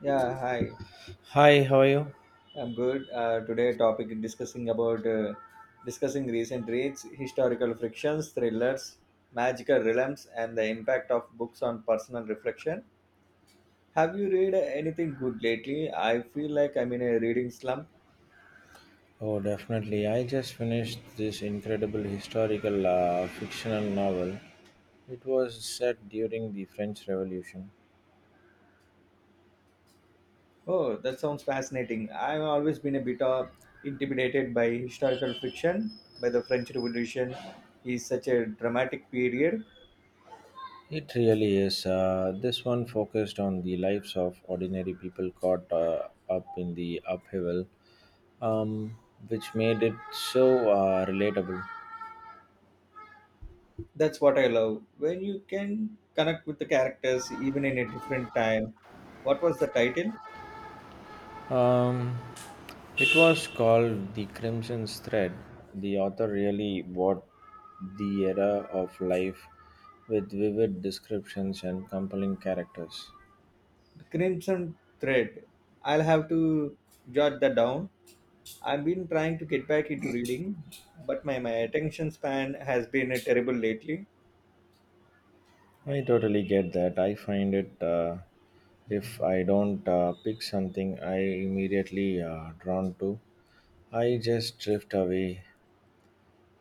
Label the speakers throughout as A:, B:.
A: Yeah, hi.
B: Hi, how are you?
A: I'm good. Today, topic discussing about discussing recent reads, historical frictions, thrillers, magical realms, and the impact of books on personal reflection. Have you read anything good lately? I feel like I'm in a reading slump.
B: Oh, definitely. I just finished this incredible historical fictional novel. It was set during the French Revolution.
A: Oh, that sounds fascinating. I've always been a bit intimidated by historical friction, by the French Revolution. Is such a dramatic period.
B: It really is. This one focused on the lives of ordinary people caught up in the upheaval, um, which made it so relatable.
A: That's what I love. When you can connect with the characters even in a different time. What was the title?
B: Um, it was called The Crimson Thread. The author really bought the era of life with vivid descriptions and compelling characters.
A: The Crimson Thread. I'll have to jot that down. I've been trying to get back into reading, but my attention span has been terrible lately.
B: I totally get that. I find it, if I don't pick something I immediately drawn to, I just drift away.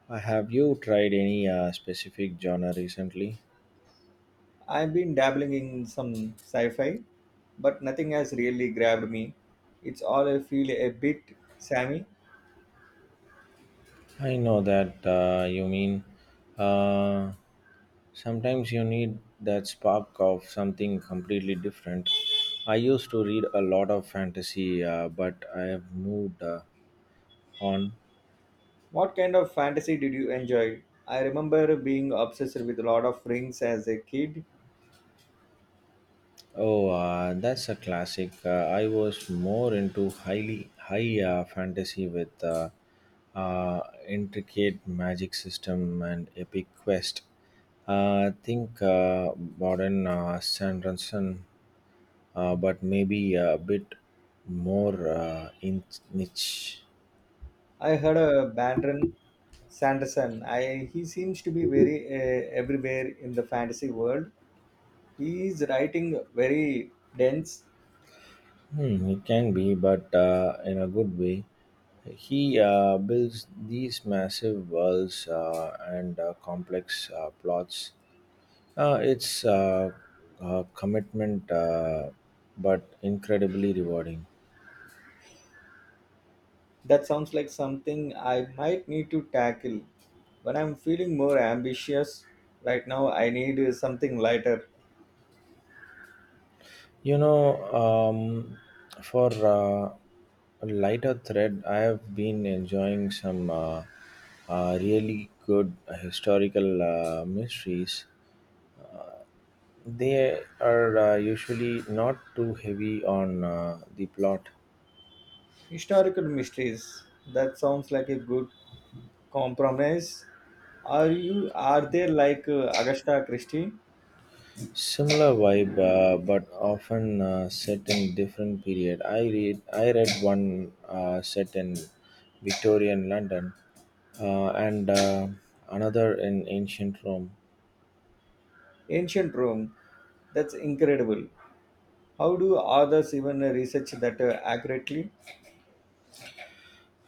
B: Have you tried any specific genre recently?
A: I've been dabbling in some sci fi, but nothing has really grabbed me. It's all I feel a bit Sammy.
B: I know that you mean. Uh, Sometimes you need that spark of something completely different. I used to read a lot of fantasy, but I have moved on.
A: What kind of fantasy did you enjoy? I remember being obsessed with Lord of Rings as a kid.
B: Oh, that's a classic. I was more into highly high fantasy with uh, intricate magic system and epic quest. I think modern Sanderson, but maybe a bit more in niche.
A: I heard a Brandon Sanderson. I He seems to be very everywhere in the fantasy world. He is writing very dense.
B: Hmm, it can be, but in a good way. He builds these massive worlds and complex plots. It's a commitment, but incredibly rewarding.
A: That sounds like something I might need to tackle when I'm feeling more ambitious. Right now, I need something lighter.
B: You know, for a lighter thread, I have been enjoying some really good historical mysteries. They are usually not too heavy on the plot.
A: Historical mysteries. That sounds like a good compromise. Are you? Are they like Agatha Christie?
B: Similar vibe, but often set in different period. I read one set in Victorian London, and another in ancient Rome.
A: Ancient Rome? That's incredible. How do authors even research that accurately?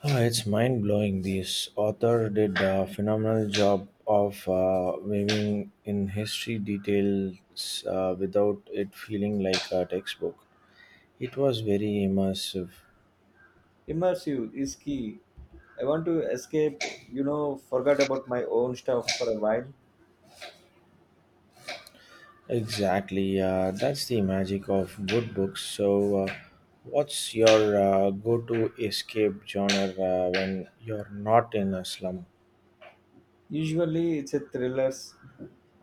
B: Ah, it's mind blowing. This author did a phenomenal job of weaving in history details without it feeling like a textbook. It was very immersive.
A: Immersive is key. I want to escape, you know, forget about my own stuff for a while.
B: Exactly. That's the magic of good books. So, what's your go to escape genre when you're not in a slum?
A: Usually it's a thrillers.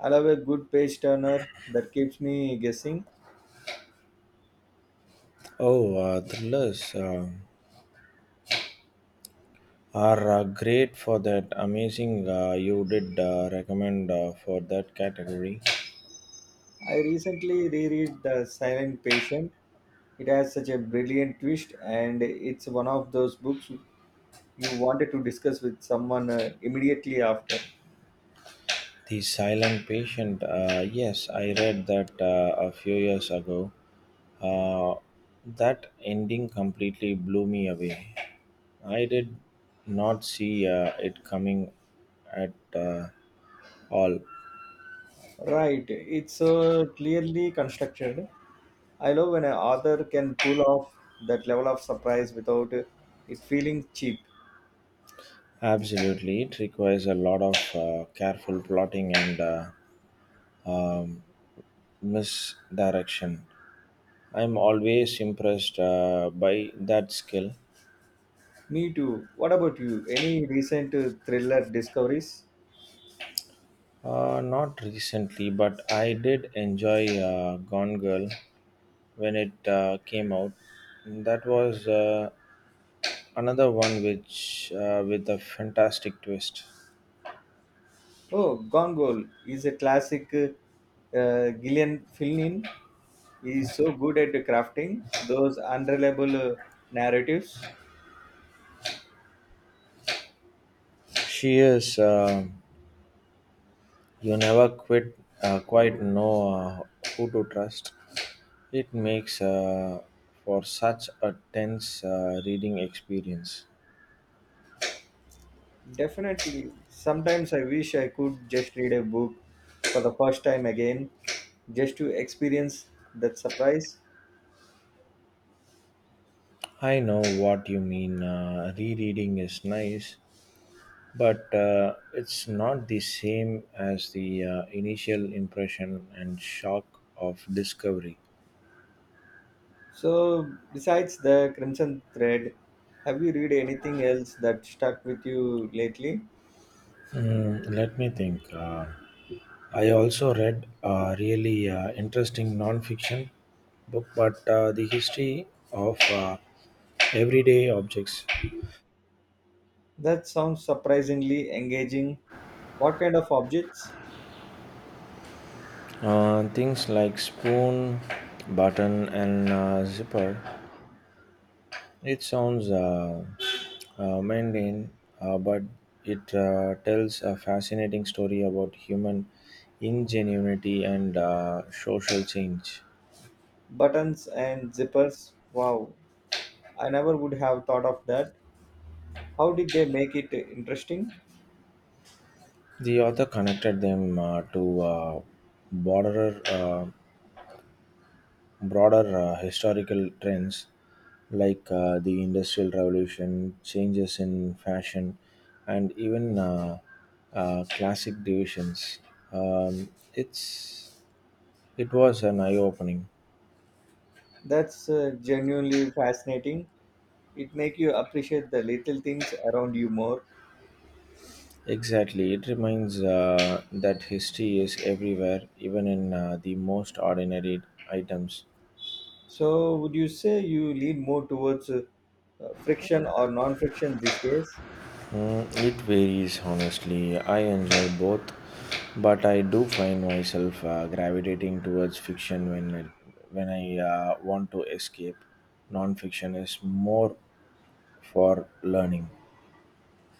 A: I love a good page turner that keeps me guessing.
B: Oh, thrillers are great for that. Amazing. You did recommend for that category.
A: I recently reread The Silent Patient. It has such a brilliant twist, and it's one of those books you wanted to discuss with someone immediately after.
B: The Silent Patient. Yes, I read that a few years ago. Uh, that ending completely blew me away. I did not see it coming at all.
A: Right, it's clearly constructed. I love when an author can pull off that level of surprise without it feeling cheap.
B: Absolutely, it requires a lot of careful plotting and misdirection. I'm always impressed by that skill.
A: Me too. What about you? Any recent thriller discoveries?
B: Not recently, but I did enjoy Gone Girl when it came out. That was another one which with a fantastic twist.
A: Oh, Gone Girl is a classic. Gillian Flynn is so good at crafting those unreliable narratives.
B: She is. You never quit, quite know who to trust. It makes for such a tense reading experience.
A: Definitely. Sometimes I wish I could just read a book for the first time again, just to experience that surprise.
B: I know what you mean. Rereading is nice, but it's not the same as the initial impression and shock of discovery.
A: So, besides the Crimson Thread, have you read anything else that stuck with you lately?
B: Hmm, let me think. I also read a really interesting non-fiction book, but the history of everyday objects,
A: That sounds surprisingly engaging. What kind of objects?
B: things like spoon, button, and zipper. It sounds mundane, but it tells a fascinating story about human ingenuity and social change.
A: Buttons and zippers? Wow, I never would have thought of that. How did they make it interesting?
B: The author connected them to broader uh, broader historical trends like the industrial revolution changes in fashion and even classic divisions um, it's it was an eye-opening
A: That's genuinely fascinating. It make you appreciate the little things around you more.
B: exactly it reminds that history is everywhere even in the most ordinary items.
A: So, would you say you lean more towards friction or non-friction these days?
B: Mm, it varies honestly. I enjoy both, but I do find myself gravitating towards fiction when I want to escape. Non-fiction is more for learning.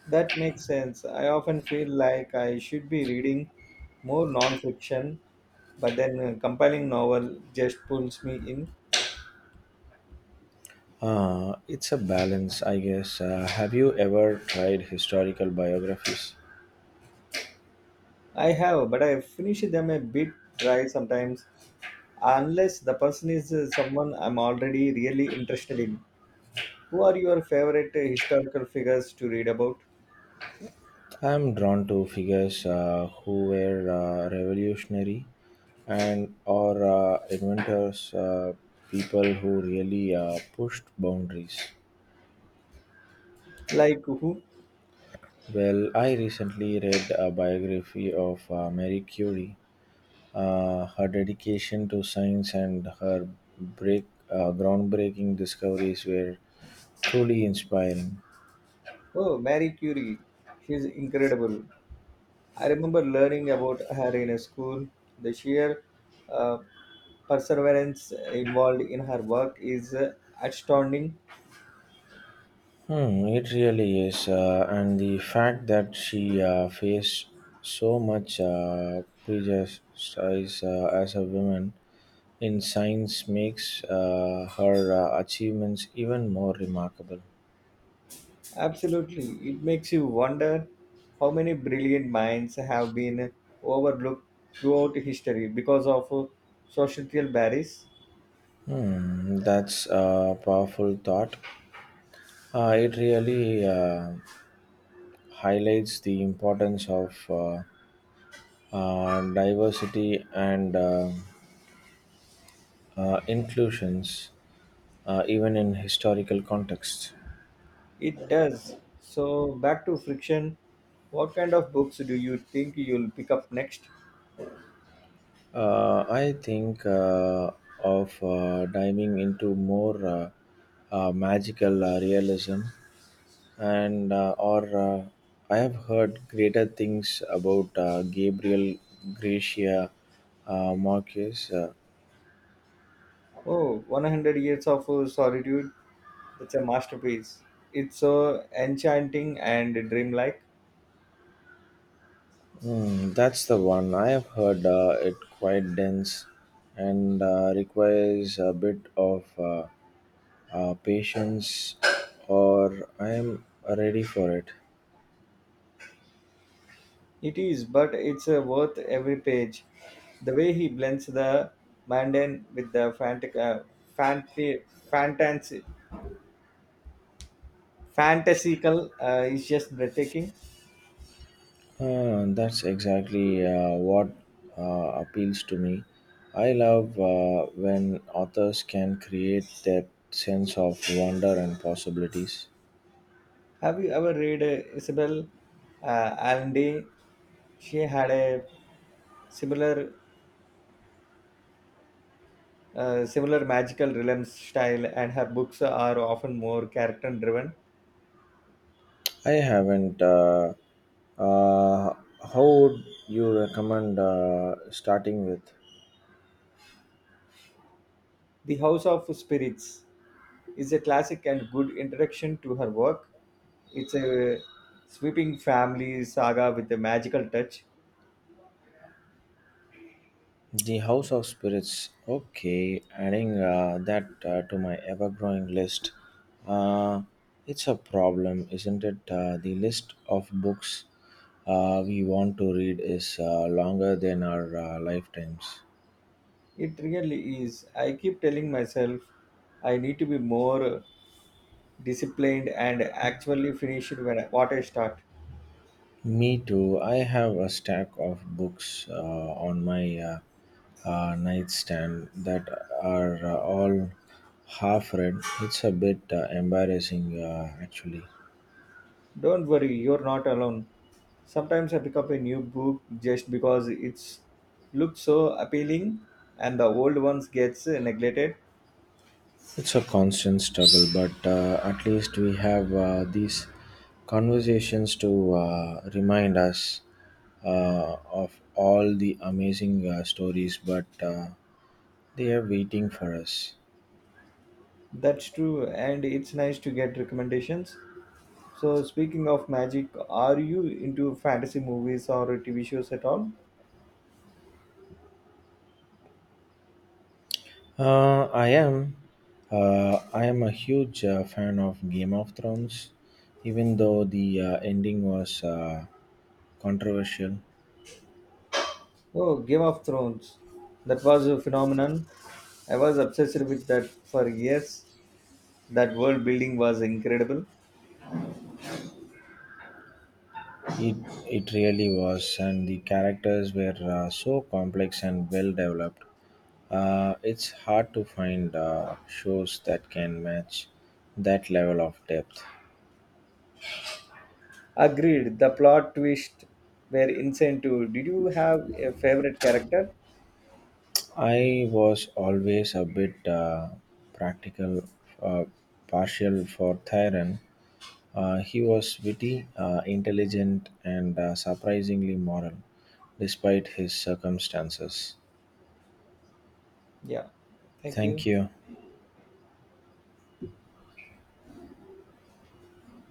A: That makes sense. I often feel like I should be reading more non-fiction, but then a compiling novel just pulls me in.
B: It's a balance, I guess. Have you ever tried historical biographies?
A: I have, but I finish them a bit dry sometimes, unless the person is someone I'm already really interested in. Who are your favorite historical figures to read about?
B: I am drawn to figures who were revolutionary and or inventors, people who really pushed boundaries.
A: Like who?
B: Well, I recently read a biography of Marie Curie. Her dedication to science and her break, groundbreaking discoveries were truly inspiring.
A: Oh, Marie Curie. She's incredible. I remember learning about her in a school. The sheer uh, perseverance involved in her work is astounding.
B: Hmm, it really is. And the fact that she faced so much prejudice as a woman in science makes her achievements even more remarkable.
A: Absolutely. It makes you wonder how many brilliant minds have been overlooked throughout history because of societal barriers.
B: Hmm, that's a powerful thought. It really highlights the importance of diversity and inclusions, even in historical contexts.
A: It does. So, back to friction. What kind of books do you think you'll pick up next?
B: I think of diving into more magical realism, and or I have heard greater things about Gabriel Gracia Marquez. Uh,
A: Oh, 100 Years of Solitude. That's a masterpiece. It's so enchanting and dreamlike.
B: hmm, that's the one I have heard. It quite dense and requires a bit of patience, or I am ready for it.
A: It is, but it's worth every page. The way he blends the mundane with the fanti- fantasy, fantasical is just breathtaking.
B: That's exactly what appeals to me. I love when authors can create that sense of wonder and possibilities.
A: Have you ever read Isabel Allende? She had a similar, similar magical realism style, and her books are often more character driven.
B: I haven't. Uh, how would you recommend starting with?
A: The House of Spirits is a classic and good introduction to her work. It's a sweeping family saga with a magical touch.
B: The House of Spirits. Okay, adding that to my ever growing list. Uh, it's a problem, isn't it? The list of books we want to read is longer than our lifetimes.
A: It really is. I keep telling myself I need to be more disciplined and actually finish it what I start.
B: Me too. I have a stack of books on my nightstand that are all half read. It's a bit embarrassing, actually.
A: Don't worry, you're not alone. Sometimes I pick up a new book just because it's looks so appealing and the old ones gets neglected.
B: It's a constant struggle, but at least we have these conversations to remind us of all the amazing stories, but they are waiting for us.
A: That's true and it's nice to get recommendations. So, speaking of magic, are you into fantasy movies or TV shows at all?
B: I am. I am a huge fan of Game of Thrones, even though the ending was controversial.
A: Oh, Game of Thrones. That was a phenomenon. I was obsessed with that for years. That world building was incredible.
B: It it really was, and the characters were so complex and well developed. It's hard to find shows that can match that level of depth.
A: Agreed, the plot twists were insane too. Did you have a favorite character?
B: I was always a bit practical, uh, partial for Thyron. He was witty, intelligent, and surprisingly moral, despite his circumstances.
A: Yeah, thank
B: Thank
A: you.
B: you.